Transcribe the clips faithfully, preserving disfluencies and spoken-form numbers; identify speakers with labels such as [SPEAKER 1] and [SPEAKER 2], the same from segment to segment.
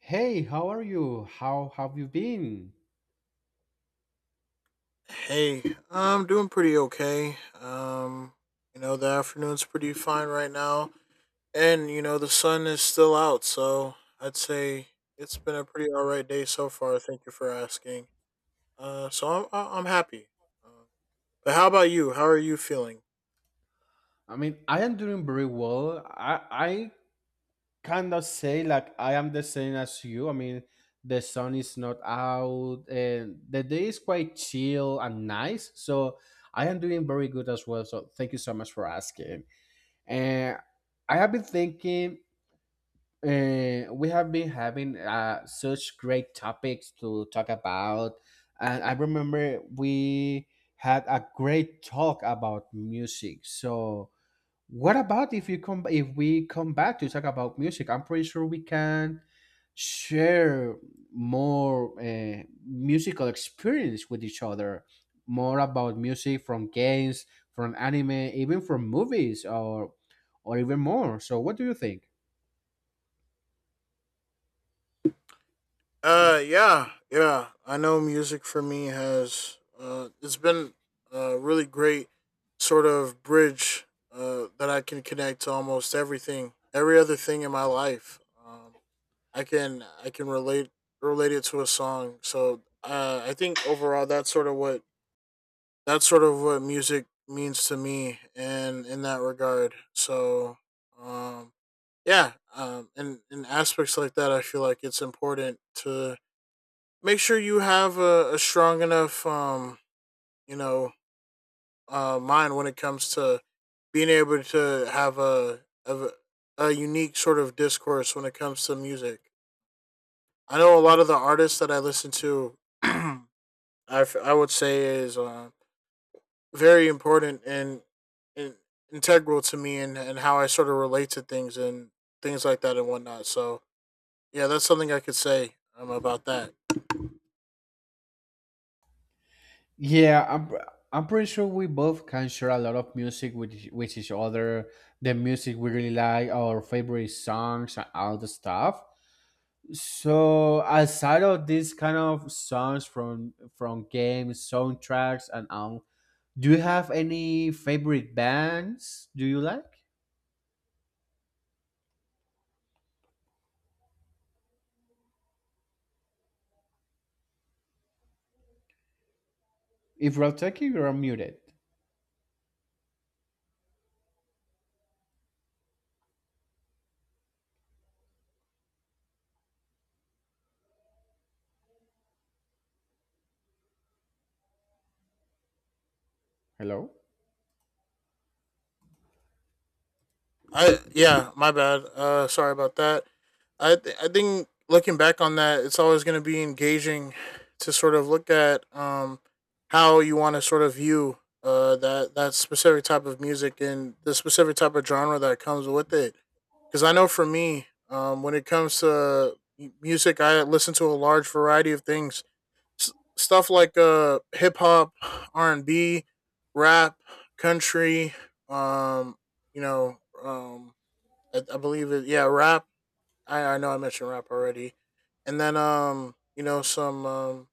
[SPEAKER 1] Hey, how are you? How have you been?
[SPEAKER 2] Hey, I'm doing pretty okay. Um, you know, the afternoon's pretty fine right now, and you know, the sun is still out, so I'd say it's been a pretty alright day so far. Thank you for asking. Uh, so I'm I- I'm happy. Uh, but how about you? How are you feeling?
[SPEAKER 1] I mean, I am doing very well. I I cannot say like I am the same as you. I mean, the sun is not out and the day is quite chill and nice. So I am doing very good as well. So thank you so much for asking. And I have been thinking. Uh, we have been having uh, such great topics to talk about, and I remember we had a great talk about music. So, what about if you come if we come back to talk about music? I'm pretty sure we can share more uh, musical experience with each other, more about music from games, from anime, even from movies, or or even more. So, what do you think?
[SPEAKER 2] Uh, yeah, yeah. I know music for me has uh, it's been a really great sort of bridge uh that I can connect to almost everything, every other thing in my life. Um, I can I can relate relate it to a song. So uh, I think overall that's sort of what that's sort of what music means to me, and in that regard. So um, yeah, um, and in aspects like that, I feel like it's important to make sure you have a, a strong enough um you know uh mind when it comes to being able to have a, a a unique sort of discourse when it comes to music. I know a lot of the artists that I listen to, I, f- I would say is uh, very important and, and integral to me and, and how I sort of relate to things and things like that and whatnot. So yeah, that's something I could say um, about that.
[SPEAKER 1] Yeah, I'm pr- I'm pretty sure we both can share a lot of music with each- with each other, the music we really like, our favorite songs, and all the stuff. So aside of these kind of songs from from games, soundtracks, and all, do you have any favorite bands? Do you like? If we're talking, you're muted. Hello.
[SPEAKER 2] I yeah, my bad. Uh, sorry about that. I th- I think looking back on that, it's always going to be engaging to sort of look at um how you want to sort of view uh that that specific type of music and the specific type of genre that comes with it. Because I know for me, um, when it comes to m- music, I listen to a large variety of things. S- stuff like uh hip hop, R and B, rap, country, um, you know, um, I, I believe it, yeah, rap I, I know I mentioned rap already, and then um, you know, some um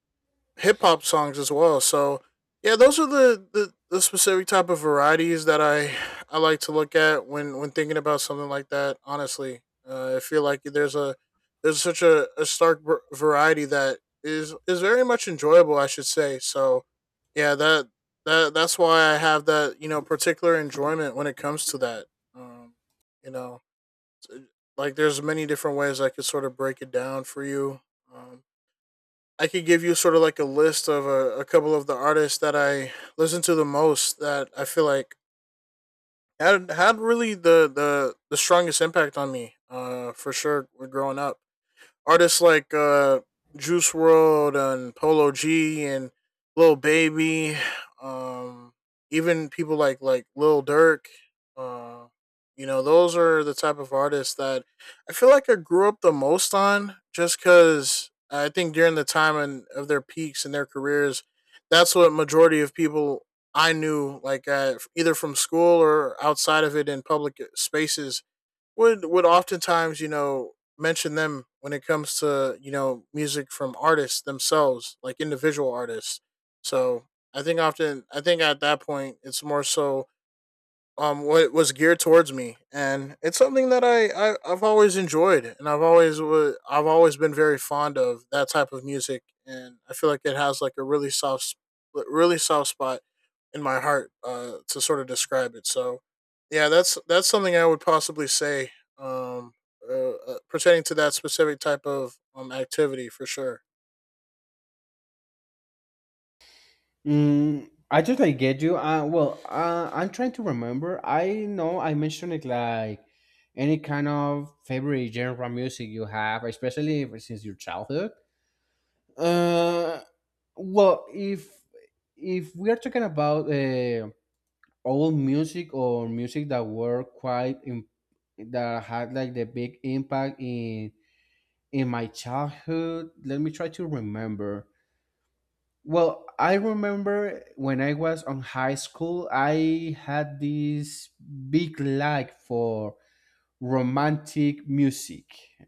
[SPEAKER 2] hip hop songs as well. So yeah, those are the, the the specific type of varieties that I I like to look at when when thinking about something like that. Honestly, uh, I feel like there's a there's such a, a stark v- variety that is is very much enjoyable. I should say. So yeah, that that that's why I have that you know particular enjoyment when it comes to that. Um, you know, like there's many different ways I could sort of break it down for you. Um, I could give you sort of like a list of a, a couple of the artists that I listen to the most that I feel like had had really the the the strongest impact on me. Uh, for sure, growing up artists like uh, Juice World and Polo G and Lil Baby, um, even people like like Lil Durk. Uh, you know, those are the type of artists that I feel like I grew up the most on, just because I think during the time and of their peaks in their careers, that's what majority of people I knew, like uh, either from school or outside of it in public spaces, would would oftentimes you know mention them when it comes to you know music from artists themselves like individual artists. So i think often I think at that point it's more so um what was geared towards me, and it's something that I, I I've always enjoyed, and i've always wa- I've always been very fond of that type of music, and I feel like it has like a really soft sp- really soft spot in my heart uh to sort of describe it. So yeah, that's that's something I would possibly say. um uh, uh, Pertaining to that specific type of um activity for sure.
[SPEAKER 1] Mm, I totally get you. Uh, well, uh, I'm trying to remember. I know I mentioned it like any kind of favorite genre music you have, especially if- since your childhood. Uh, well, if if we are talking about uh, old music or music that were quite im- that had like the big impact in in my childhood, let me try to remember. Well, I remember when I was on high school, I had this big like for romantic music,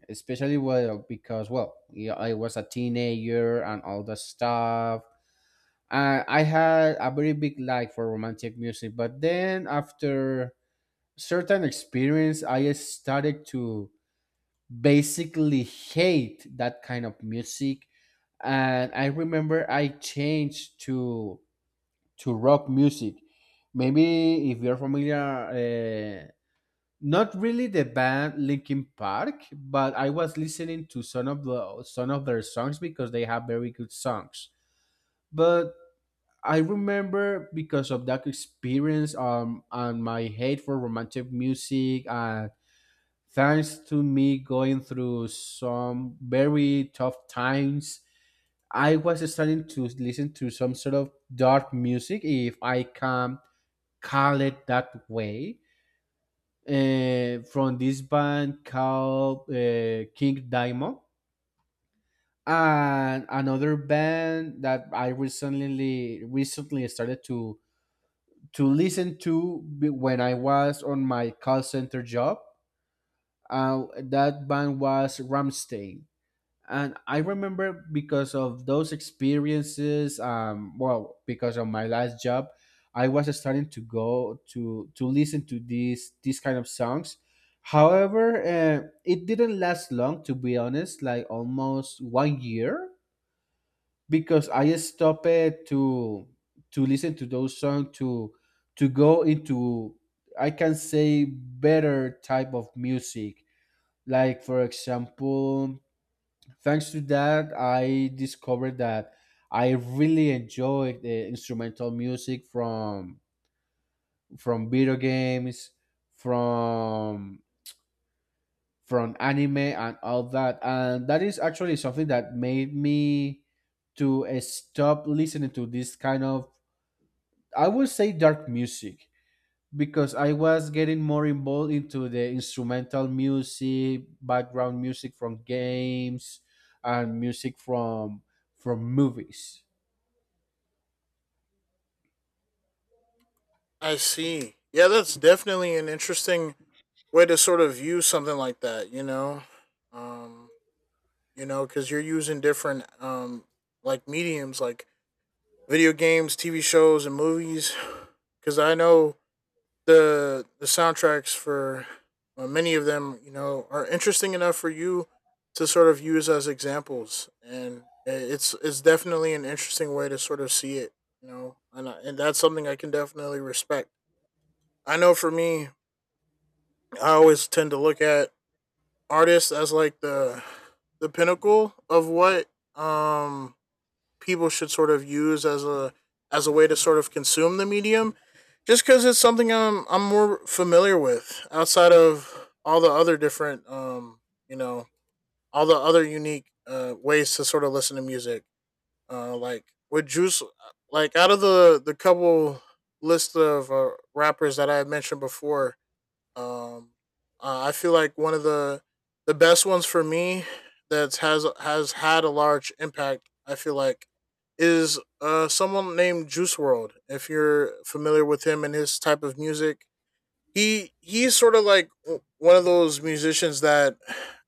[SPEAKER 1] especially well because well, yeah, I was a teenager and all that stuff. Uh, I had a very big like for romantic music, but then after certain experience, I started to basically hate that kind of music, and I remember I changed to to rock music. Maybe if you're familiar, uh, not really the band Linkin Park, but I was listening to some of the some of their songs because they have very good songs. But I remember because of that experience, um, and my hate for romantic music and thanks to me going through some very tough times, I was starting to listen to some sort of dark music if I can call it that way, uh, from this band called uh, King Diamond, and another band that I recently recently started to to listen to when I was on my call center job. Uh, that band was Ramstein. And I remember because of those experiences, um well, because of my last job, I was starting to go to to listen to these these kind of songs. However, uh, it didn't last long to be honest, like almost one year, because I stopped it to to listen to those songs, to to go into, I can say, better type of music. Like, for example, thanks to that, I discovered that I really enjoy the instrumental music from from video games, from from anime and all that, and that is actually something that made me to uh, stop listening to this kind of, I would say, dark music, because I was getting more involved into the instrumental music, background music from games, and music from from movies.
[SPEAKER 2] I see. Yeah, that's definitely an interesting way to sort of view something like that, you know. um you know, because you're using different um like mediums like video games, T V shows, and movies. Because I know the the soundtracks for uh, many of them, you know, are interesting enough for you to sort of use as examples, and it's it's definitely an interesting way to sort of see it, you know, and I, and that's something I can definitely respect. I know for me, I always tend to look at artists as like the the pinnacle of what um people should sort of use as a as a way to sort of consume the medium, just because it's something I'm I'm more familiar with outside of all the other different um you know all the other unique uh, ways to sort of listen to music uh like with Juice, like out of the the couple list of uh, rappers that I had mentioned before. um, uh, I feel like one of the the best ones for me that has has had a large impact, I feel like, is uh someone named Juice World. If you're familiar with him and his type of music, he he's sort of like w- one of those musicians that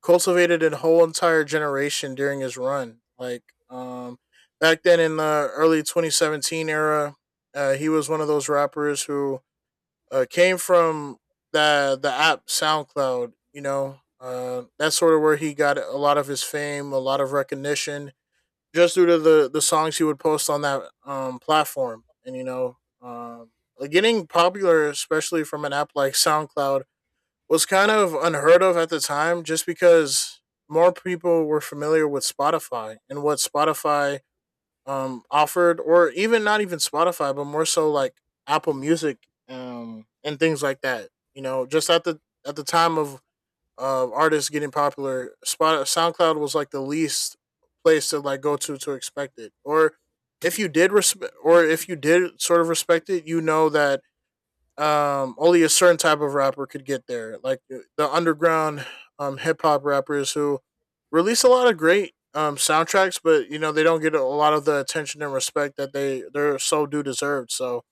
[SPEAKER 2] cultivated a whole entire generation during his run. Like um back then in the early twenty seventeen era, uh, he was one of those rappers who uh, came from the the app SoundCloud. You know, uh, that's sort of where he got a lot of his fame, a lot of recognition, just due to the the songs he would post on that um, platform. And you know, um, like, getting popular, especially from an app like SoundCloud, was kind of unheard of at the time, just because more people were familiar with Spotify and what Spotify um offered, or even not even Spotify, but more so like Apple Music um and things like that. You know, just at the at the time of uh, artists getting popular, Spot SoundCloud was like the least place to like go to to expect it. Or if you did respect, or if you did sort of respect it, you know that um only a certain type of rapper could get there, like uh, the underground um hip hop rappers who release a lot of great um soundtracks, but you know they don't get a lot of the attention and respect that they they're so due deserved. So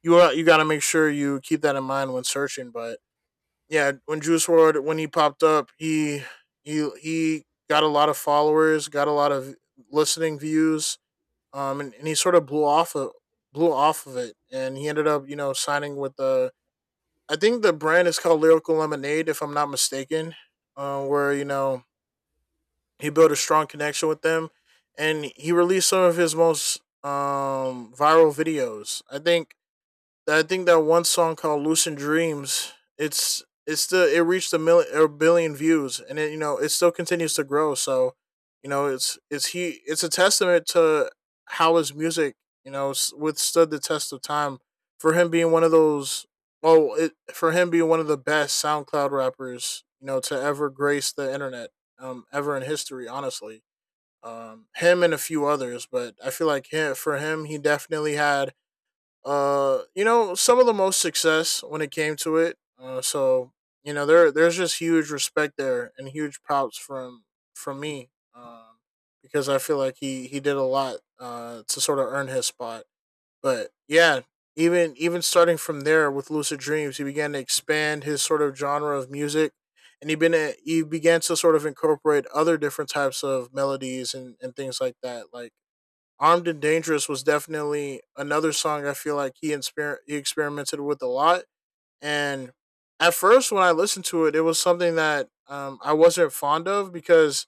[SPEAKER 2] you are, you got to make sure you keep that in mind when searching. But yeah, when Juice Ward, when he popped up, he he he got a lot of followers, got a lot of listening views, um and, and he sort of blew off of blew off of it, and he ended up you know signing with the, I think, the brand is called Lyrical Lemonade, if I'm not mistaken, uh, where you know he built a strong connection with them, and he released some of his most um, viral videos. I think I think that one song called "Lucid Dreams." It's it's still it reached a million or billion views, and it, you know, it still continues to grow. So you know it's it's he it's a testament to how his music, you know, s- withstood the test of time for him being one of those, well it, for him being one of the best SoundCloud rappers, you know, to ever grace the internet um ever in history, honestly. Um him and a few others, but I feel like him, for him, he definitely had uh, you know, some of the most success when it came to it. Uh, so you know, there there's just huge respect there and huge props from from me, um, because I feel like he he did a lot uh to sort of earn his spot. But yeah, even even starting from there with Lucid Dreams, he began to expand his sort of genre of music. And he been a, he began to sort of incorporate other different types of melodies and, and things like that. Like Armed and Dangerous was definitely another song I feel like he, inspir- he experimented with a lot. And at first, when I listened to it, it was something that um, I wasn't fond of because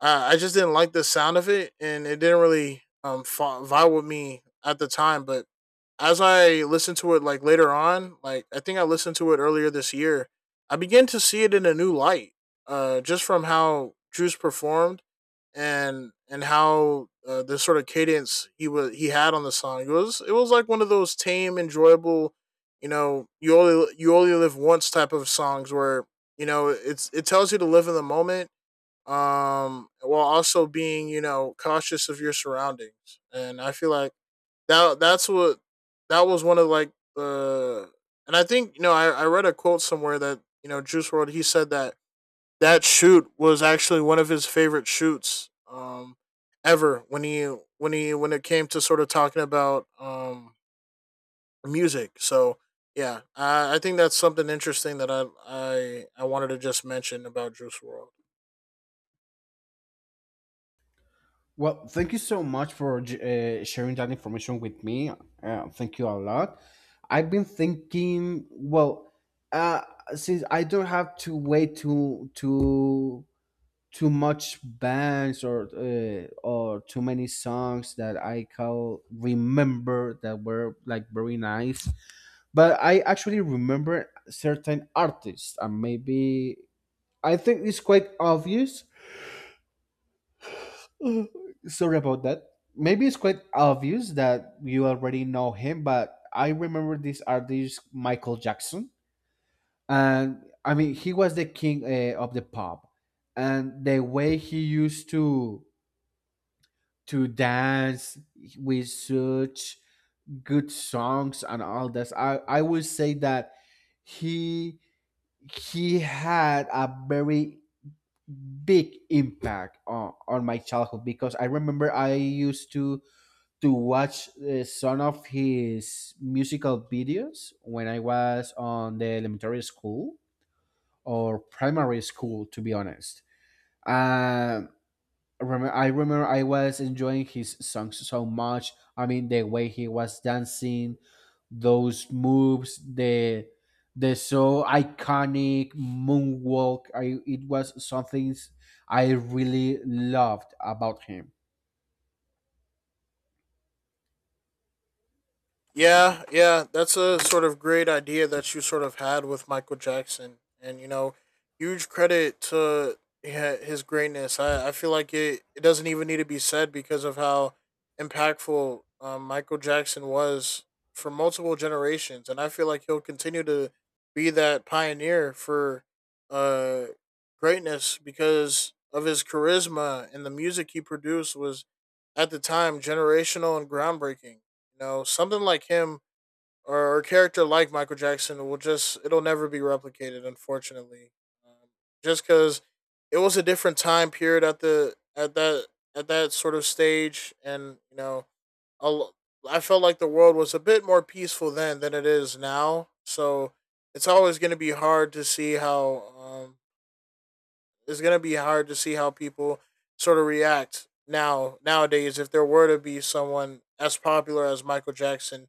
[SPEAKER 2] uh, I just didn't like the sound of it, and it didn't really um, fa- vibe with me at the time. But as I listened to it like later on, like I think I listened to it earlier this year, I began to see it in a new light. Uh, just from how Drew's performed, and and how uh, the sort of cadence he was he had on the song. It was it was like one of those tame, enjoyable, you know, you only you only live once type of songs where you know it's it tells you to live in the moment, um while also being, you know cautious of your surroundings. And I feel like that that's what that was one of like uh and I think, you know I, I read a quote somewhere that, you know, Juice World, he said that that shoot was actually one of his favorite shoots, um ever, when he when he when it came to sort of talking about um music. So yeah, I, I think that's something interesting that I I I wanted to just mention about Juice World.
[SPEAKER 1] Well, thank you so much for uh, sharing that information with me. Uh, thank you a lot. I've been thinking, well, uh, since I don't have to wait to to too much bands or uh, or too many songs that I can remember that were like very nice. But I actually remember certain artists, and maybe I think it's quite obvious. Uh, Sorry about that. Maybe it's quite obvious that you already know him, but I remember this artist, Michael Jackson, and I mean he was the king uh, of the pop, and the way he used to to dance with such good songs and all this. I, I would say that he he had a very big impact on, on my childhood, because I remember I used to to watch uh, some of his musical videos when I was on the elementary school or primary school to be honest. Um remember I remember I was enjoying his songs so much. I mean the way he was dancing, those moves, the the so iconic moonwalk. I It was something I really loved about him.
[SPEAKER 2] Yeah, yeah, that's a sort of great idea that you sort of had with Michael Jackson. And, you know, huge credit to hi- his greatness. I, I feel like it, it doesn't even need to be said because of how impactful um, Michael Jackson was for multiple generations. And I feel like he'll continue to be that pioneer for uh greatness because of his charisma, and the music he produced was at the time generational and groundbreaking. You know, something like him or a character like Michael Jackson, will just it'll never be replicated, unfortunately. Um, just because it was a different time period at the at that at that sort of stage. And, you know, I'll, I felt like the world was a bit more peaceful then than it is now. So it's always going to be hard to see how, um, it's gonna be hard to see how people sort of react now nowadays, if there were to be someone as popular as Michael Jackson,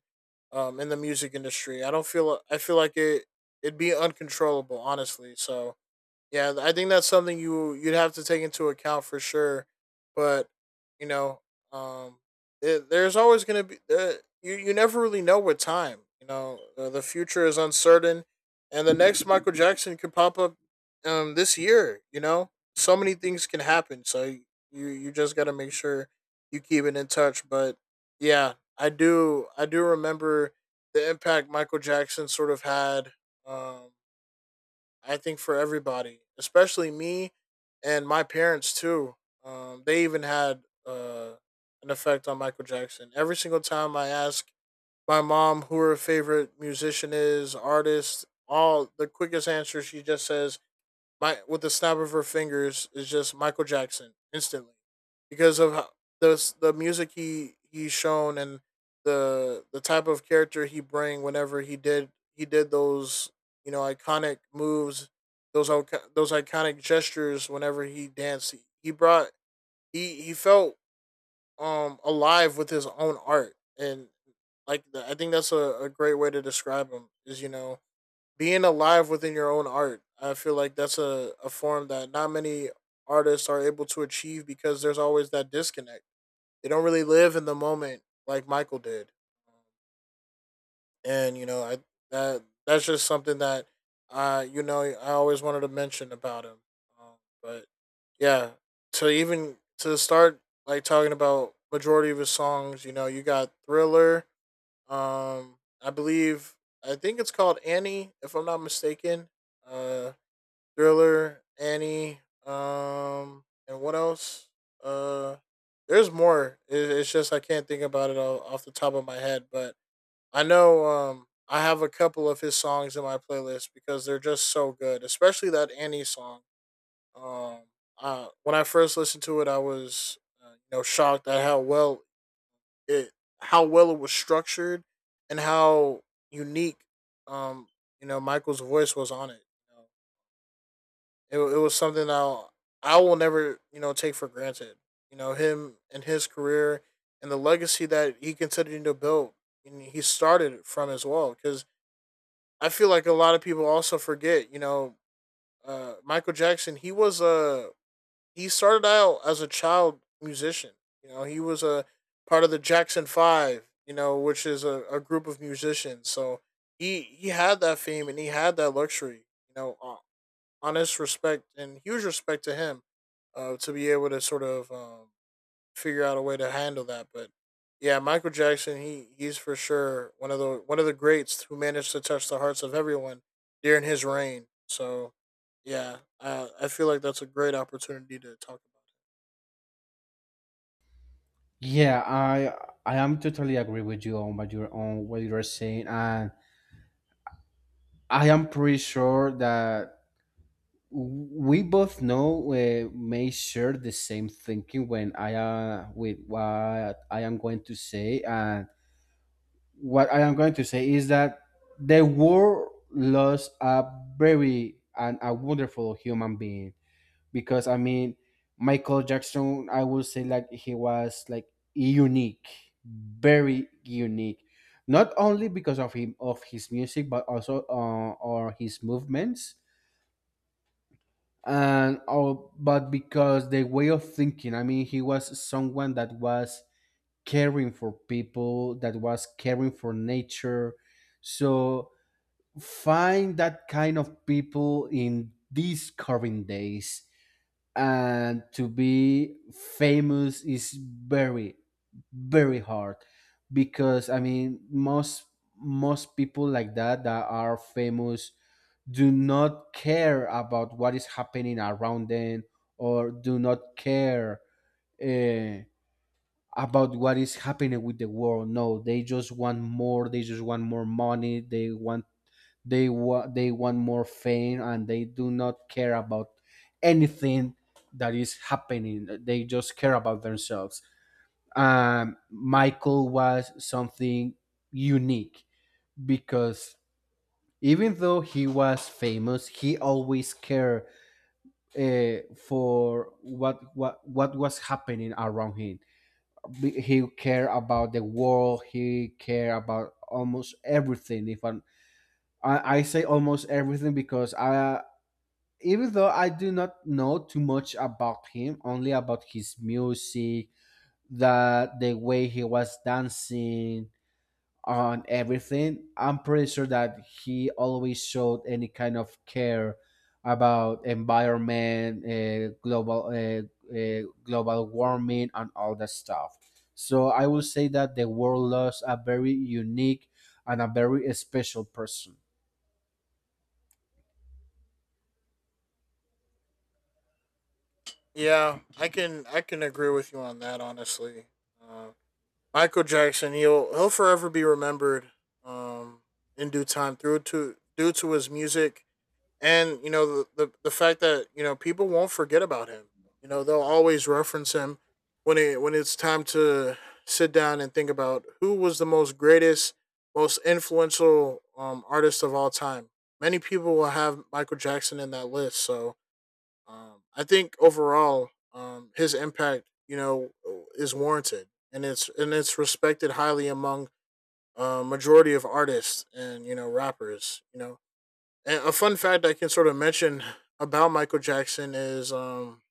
[SPEAKER 2] um, in the music industry. I don't feel I feel like it it'd be uncontrollable, honestly. So yeah, I think that's something you you'd have to take into account for sure. But, you know, um, it, there's always going to be, uh, you. You never really know with time. You know, uh, the future is uncertain, and the next Michael Jackson could pop up um this year. You know, so many things can happen. So you, you just got to make sure you keep it in touch. But yeah, I do I do remember the impact Michael Jackson sort of had. Um, I think for everybody, especially me and my parents too. Um, they even had, uh, an effect on Michael Jackson. Every single time I ask my mom who her favorite musician is, artist, all the quickest answer she just says, my with the snap of her fingers, is just Michael Jackson instantly. Because of how the the music he he's shown, and the the type of character he bring whenever he did he did those, you know, iconic moves, those, those iconic gestures. Whenever he danced, he, he brought, he he felt um alive with his own art. And like, I think that's a, a great way to describe him, is, you know, being alive within your own art. I feel like that's a, a form that not many artists are able to achieve, because there's always that disconnect. They don't really live in the moment like Michael did. And, you know, I that that's just something that, uh you know, I always wanted to mention about him. Um, but Yeah, to even to start like talking about majority of his songs, you know, you got Thriller, um, I believe I think it's called Annie, if I'm not mistaken. Uh, Thriller, Annie. Um, and what else? Uh, there's more. It, it's just I can't think about it all off the top of my head, but I know. Um, I have a couple of his songs in my playlist because they're just so good, especially that Annie song. Um, uh, when I first listened to it, I was, uh, you know, shocked at how well it how well it was structured, and how unique um you know Michael's voice was on it. You know, it it was something that I'll, I will never, you know, take for granted. You know, him and his career and the legacy that he continued to build and he started from as well. Because I feel like a lot of people also forget. You know, uh, Michael Jackson, he was a he started out as a child musician. You know, he was a part of the Jackson Five. You know, which is a, a group of musicians. So he he had that fame and he had that luxury. You know, uh, honest respect and huge respect to him, uh, to be able to sort of, um, figure out a way to handle that. But yeah, Michael Jackson, he he's for sure one of the one of the greats who managed to touch the hearts of everyone during his reign. So yeah, uh, I feel like that's a great opportunity to talk about.
[SPEAKER 1] Yeah, I I am totally agree with you on what you're on what you're saying, and I am pretty sure that we both know uh, may share the same thinking when I uh, with what I am going to say, and what I am going to say is that the world lost a very and a wonderful human being, because I mean Michael Jackson, I would say like he was like unique, very unique, not only because of him of his music, but also, uh, or his movements, and oh, but because the way of thinking. I mean he was someone that was caring for people, that was caring for nature. So find that kind of people in these current days and to be famous is very, very hard, because I mean most most people like that that are famous do not care about what is happening around them, or do not care, uh, about what is happening with the world. No, they just want more, they just want more money, they want they want they want more fame, and they do not care about anything that is happening. They just care about themselves. Um, michael was something unique, because even though he was famous he always cared, uh, for what what what was happening around him. Be- He cared about the world. He cared about almost everything. If I'm, I, I say almost everything because I even though I do not know too much about him, only about his music, that the way he was dancing, on everything. I'm pretty sure that he always showed any kind of care about environment, uh, global uh, uh, global warming, and all that stuff. So I will say that the world lost a very unique and a very special person.
[SPEAKER 2] Yeah, I can I can agree with you on that. Honestly, uh, Michael Jackson he'll he'll forever be remembered, um, in due time, through to due to his music. And you know the, the the fact that, you know, people won't forget about him. You know, they'll always reference him when it when it's time to sit down and think about who was the most greatest, most influential, um, artist of all time. Many people will have Michael Jackson in that list. So um, I think overall, um, his impact, you know, is warranted, and it's and it's respected highly among, uh, majority of artists and, you know, rappers. You know, and a fun fact I can sort of mention about Michael Jackson is, um,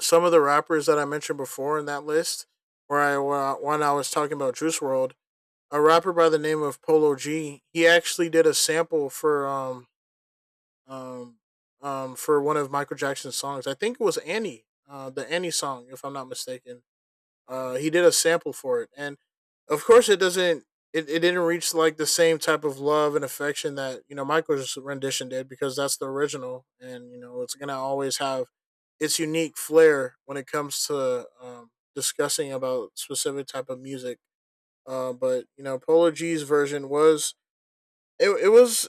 [SPEAKER 2] some of the rappers that I mentioned before in that list, where I where I- when I was talking about Juice World, a rapper by the name of Polo G, he actually did a sample for um um, um, for one of Michael Jackson's songs. I think it was Annie, uh, the Annie song, if I'm not mistaken. Uh, he did a sample for it. And of course, it doesn't. It, it didn't reach like the same type of love and affection that, you know, Michael's rendition did, because that's the original. And you know it's gonna always have its unique flair when it comes to, um, discussing about specific type of music. Uh, but you know, Polo G's version was, it, it was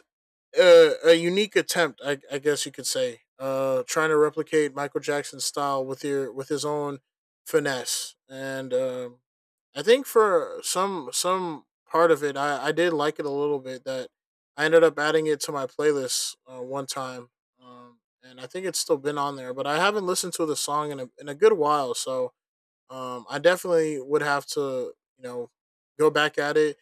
[SPEAKER 2] a, a unique attempt, I, I guess you could say, uh, trying to replicate Michael Jackson's style with your with his own finesse. And um I think for some some part of it, I, I did like it a little bit. That I ended up adding it to my playlist, uh, one time. Um, and I think it's still been on there, but I haven't listened to the song in a in a good while. So um, I definitely would have to, you know, go back at it,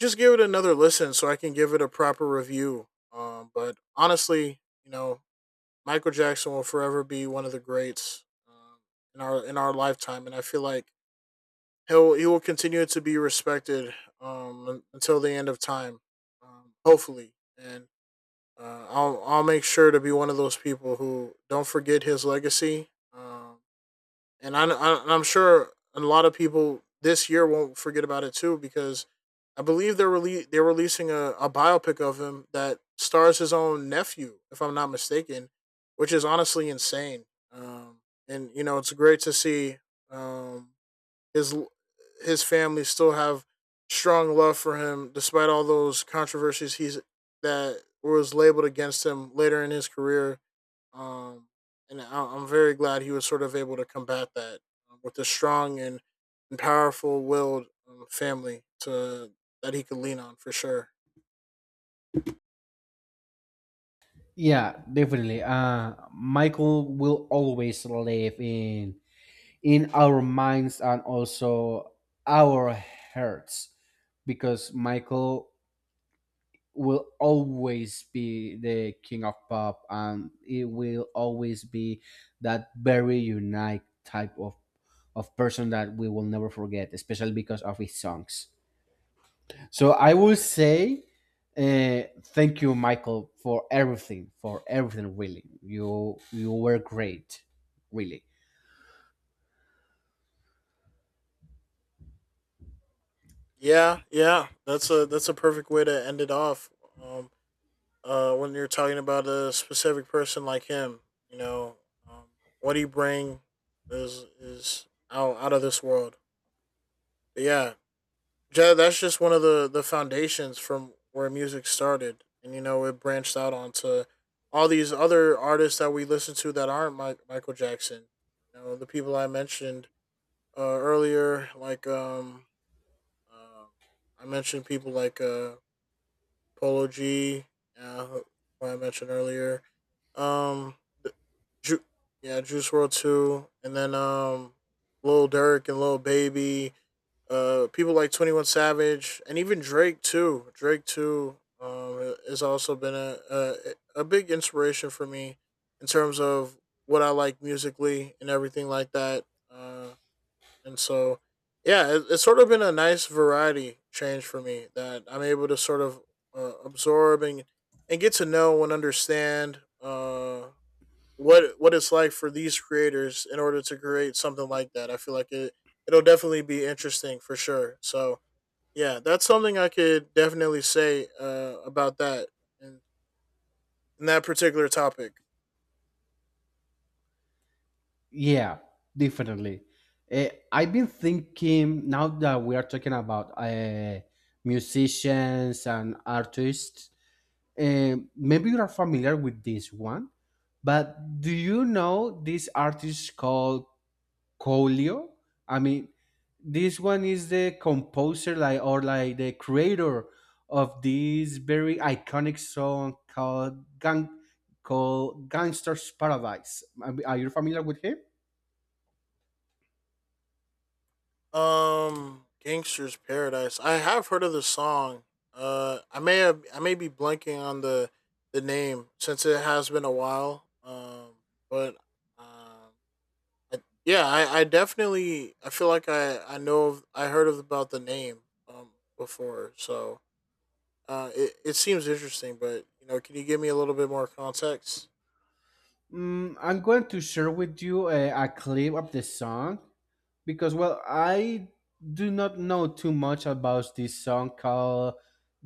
[SPEAKER 2] just give it another listen so I can give it a proper review. Um, but honestly, you know, Michael Jackson will forever be one of the greats, um, in our in our lifetime. And I feel like he'll he will continue to be respected, um, un- until the end of time, um, hopefully. And, uh, I'll I'll make sure to be one of those people who don't forget his legacy. Um, and I, I and I'm sure a lot of people this year won't forget about it too, because I believe they're rele- they're releasing a, a biopic of him that stars his own nephew, if I'm not mistaken. Which is honestly insane. Um, and you know it's great to see, um, his his family still have strong love for him, despite all those controversies he's that was labeled against him later in his career. um, and I- I'm very glad he was sort of able to combat that, uh, with a strong and, and powerful willed, um, family to that he could lean on, for sure.
[SPEAKER 1] Yeah, definitely. Uh, Michael will always live in in our minds, and also our hearts, because Michael will always be the king of pop, and it will always be that very unique type of of person that we will never forget, especially because of his songs. So I will say, uh, thank you, Michael, for everything, for everything really. You you were great, really.
[SPEAKER 2] Yeah, yeah, that's a that's a perfect way to end it off. Um, uh, when you're talking about a specific person like him, you know, um, what he bring is is out out of this world. But yeah, Yeah, that's just one of the the foundations from where music started. And you know it branched out onto all these other artists that we listen to that aren't Mike, Michael Jackson. You know, the people I mentioned, uh, earlier, like, um, um, I mentioned people like, uh, Polo G, uh, who who I mentioned earlier, um, the, Ju- yeah, Juice World too. And then, um, Lil Durk and Lil Baby, uh, people like Twenty One Savage, and even Drake too. Drake too um, has also been a, a a big inspiration for me in terms of what I like musically and everything like that. Uh, and so, yeah, it, it's sort of been a nice variety change for me, that I'm able to sort of, uh, absorb and and get to know and understand. Uh, what what it's like for these creators in order to create something like that. I feel like it it'll definitely be interesting for sure. So yeah, that's something I could definitely say, uh, about that, and in that particular topic.
[SPEAKER 1] Yeah, definitely. uh, I've been thinking now that we are talking about uh, musicians and artists. Um, maybe you are familiar with this one, but do you know this artist called Colio? I mean, this one is the composer, like, or like the creator of this very iconic song called Gang, called Gangster's Paradise. I mean, are you familiar with him?
[SPEAKER 2] Um, Gangster's Paradise. I have heard of the song. Uh, I may have I may be blanking on the the name since it has been a while. Um, but um, I- yeah, I, I definitely I feel like I I know of, I heard of about the name um before, so uh it, it seems interesting, but you know, can you give me a little bit more context?
[SPEAKER 1] Mm, I'm going to share with you a, a clip of the song, because, well, I do not know too much about this song called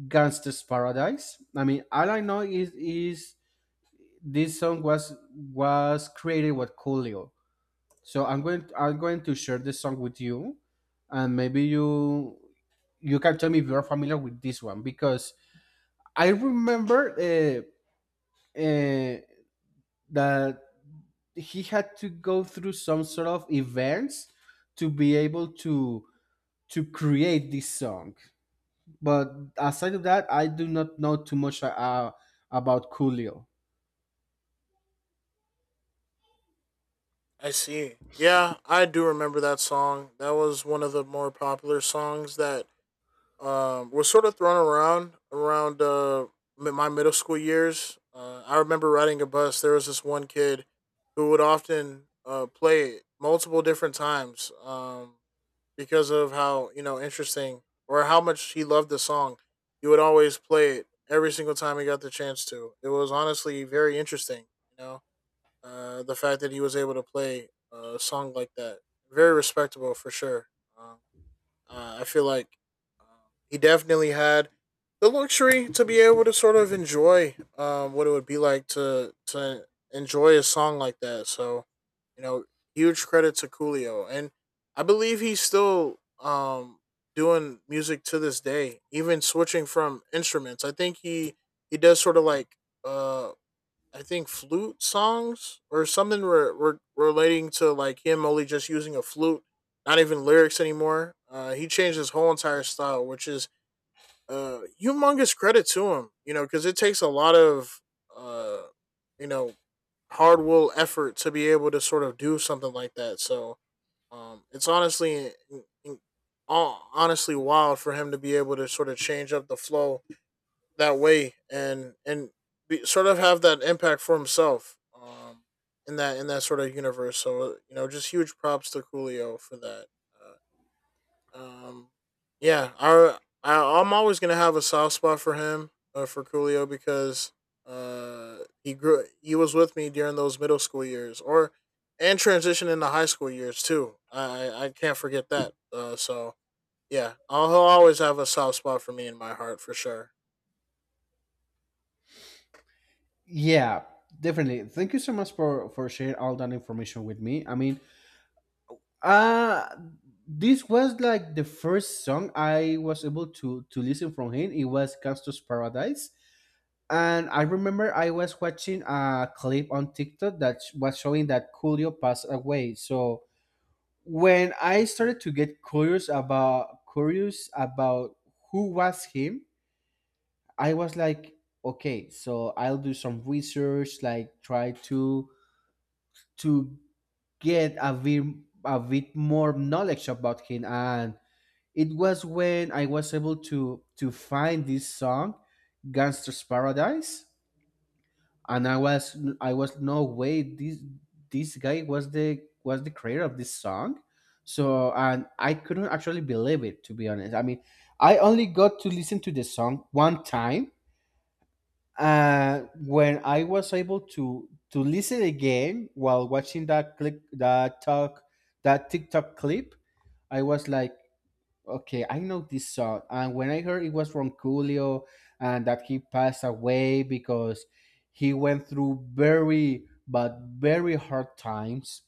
[SPEAKER 1] "Gangsta's Paradise." I mean, all I know is is this song was was created with Coolio. So I'm going I'm going to share this song with you, and maybe you you can tell me if you're familiar with this one, because I remember, uh, uh, that he had to go through some sort of events to be able to to create this song. But aside of that, I do not know too much, uh, about Coolio.
[SPEAKER 2] I see. Yeah, I do remember that song. That was one of the more popular songs that um was sort of thrown around around uh mi- my middle school years. Uh, I remember riding a bus. There was this one kid who would often uh play it multiple different times. Um because of how you know interesting or how much he loved the song. He would always play it every single time he got the chance to. It was honestly very interesting, you know, uh, the fact that he was able to play a song like that. Very respectable for sure. Um, uh, I feel like um, he definitely had the luxury to be able to sort of enjoy um, what it would be like to to enjoy a song like that. So, you know, huge credit to Coolio, and I believe he's still um, doing music to this day, even switching from instruments. I think he he does sort of like uh, I think flute songs or something re- re- relating to like him only just using a flute, not even lyrics anymore. Uh, he changed his whole entire style, which is uh, humongous credit to him, you know, because it takes a lot of, uh, you know, hard will effort to be able to sort of do something like that. So um, it's honestly, in- honestly wild for him to be able to sort of change up the flow that way and and be, sort of have that impact for himself um in that in that sort of universe, so uh, you know just huge props to Coolio for that. uh, um yeah I, I I'm always going to have a soft spot for him, uh, for Coolio, because uh he grew he was with me during those middle school years or and transition into high school years too. I I I can't forget that, uh so yeah, I'll, he'll always have a soft spot for me in my heart for sure.
[SPEAKER 1] Yeah, definitely. Thank you so much for for sharing all that information with me. I mean, uh this was like the first song I was able to to listen from him. It was Gangsta's Paradise. And I remember I was watching a clip on TikTok that sh- was showing that Coolio passed away. So when I started to get curious about curious about who was him, I was like, okay, so I'll do some research, like try to to get a bit a bit more knowledge about him. And it was when I was able to to find this song, Gangster's Paradise, and I was I was, no way, this this guy was the, was the creator of this song. So, and I couldn't actually believe it to be honest. I mean, I only got to listen to the song one time. Uh, when I was able to to listen again while watching that clip, that talk that TikTok clip, I was like, okay, I know this song, and when I heard it was from Coolio, and that he passed away because he went through very, but very, hard times.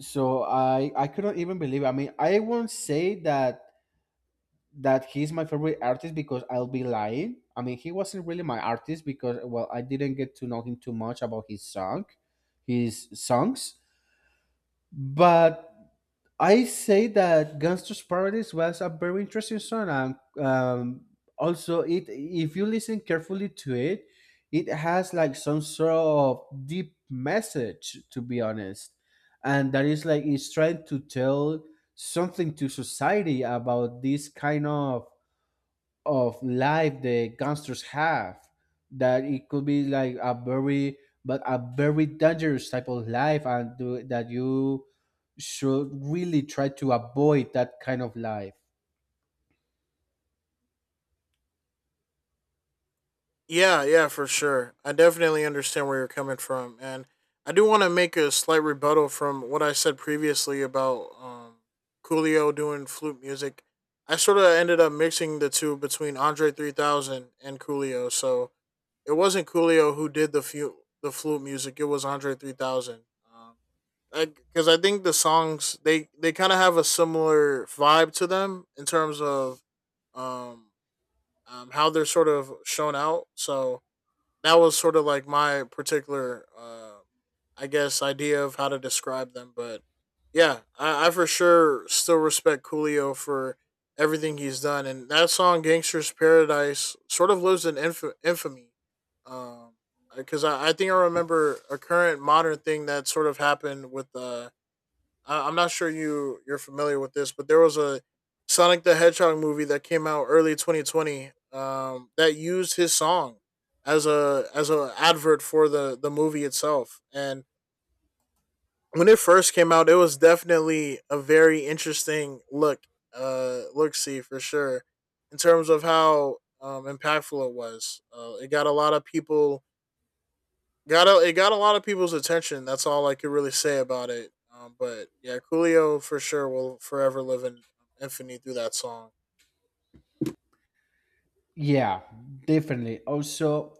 [SPEAKER 1] So I I couldn't even believe. It. I mean, I won't say that that he's my favorite artist because I'll be lying. I mean, he wasn't really my artist because, well, I didn't get to know him too much about his song, his songs. But I say that Gangster's Paradise was a very interesting song, and um, also, it if you listen carefully to it, it has like some sort of deep message, to be honest, and that is like it's trying to tell something to society about this kind of of life the gangsters have, that it could be like a very, but a very dangerous type of life, and do, that you should really try to avoid that kind of life.
[SPEAKER 2] Yeah, yeah, for sure. I definitely understand where you're coming from, and I do want to make a slight rebuttal from what I said previously about um, Coolio doing flute music. I sort of ended up mixing the two between Andre three thousand and Coolio, so it wasn't Coolio who did the fu- the flute music; it was Andre three thousand. Um, because I, think the songs they they kind of have a similar vibe to them in terms of um, um how they're sort of shown out. So that was sort of like my particular, uh, I guess, idea of how to describe them. But yeah, I, I for sure still respect Coolio for everything he's done, and that song "Gangster's Paradise" sort of lives in inf- infamy. Um, because I, I think I remember a current modern thing that sort of happened with uh uh, I'm not sure you you're familiar with this, but there was a Sonic the Hedgehog movie that came out early twenty twenty, um, that used his song as a as a advert for the the movie itself. And when it first came out, it was definitely a very interesting look, uh, look see for sure in terms of how um, impactful it was. Uh, it got a lot of people Got a, it got a lot of people's attention. That's all I could really say about it. Um, but yeah, Coolio for sure will forever live in um, infamy through that song.
[SPEAKER 1] Yeah, definitely. Also,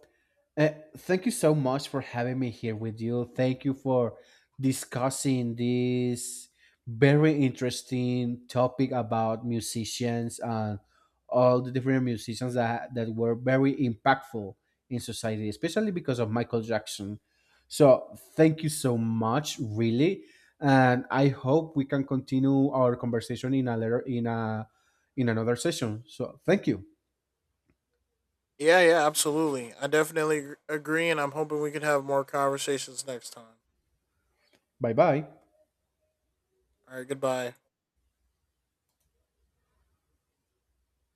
[SPEAKER 1] Uh, thank you so much for having me here with you. Thank you for discussing this very interesting topic about musicians and all the different musicians that, that were very impactful in society, especially because of Michael Jackson. So, thank you so much, really. And I hope we can continue our conversation in a later, in a in another session. So, thank you.
[SPEAKER 2] Yeah, yeah, absolutely. I definitely agree, and I'm hoping we can have more conversations next time.
[SPEAKER 1] Bye bye.
[SPEAKER 2] All right, goodbye.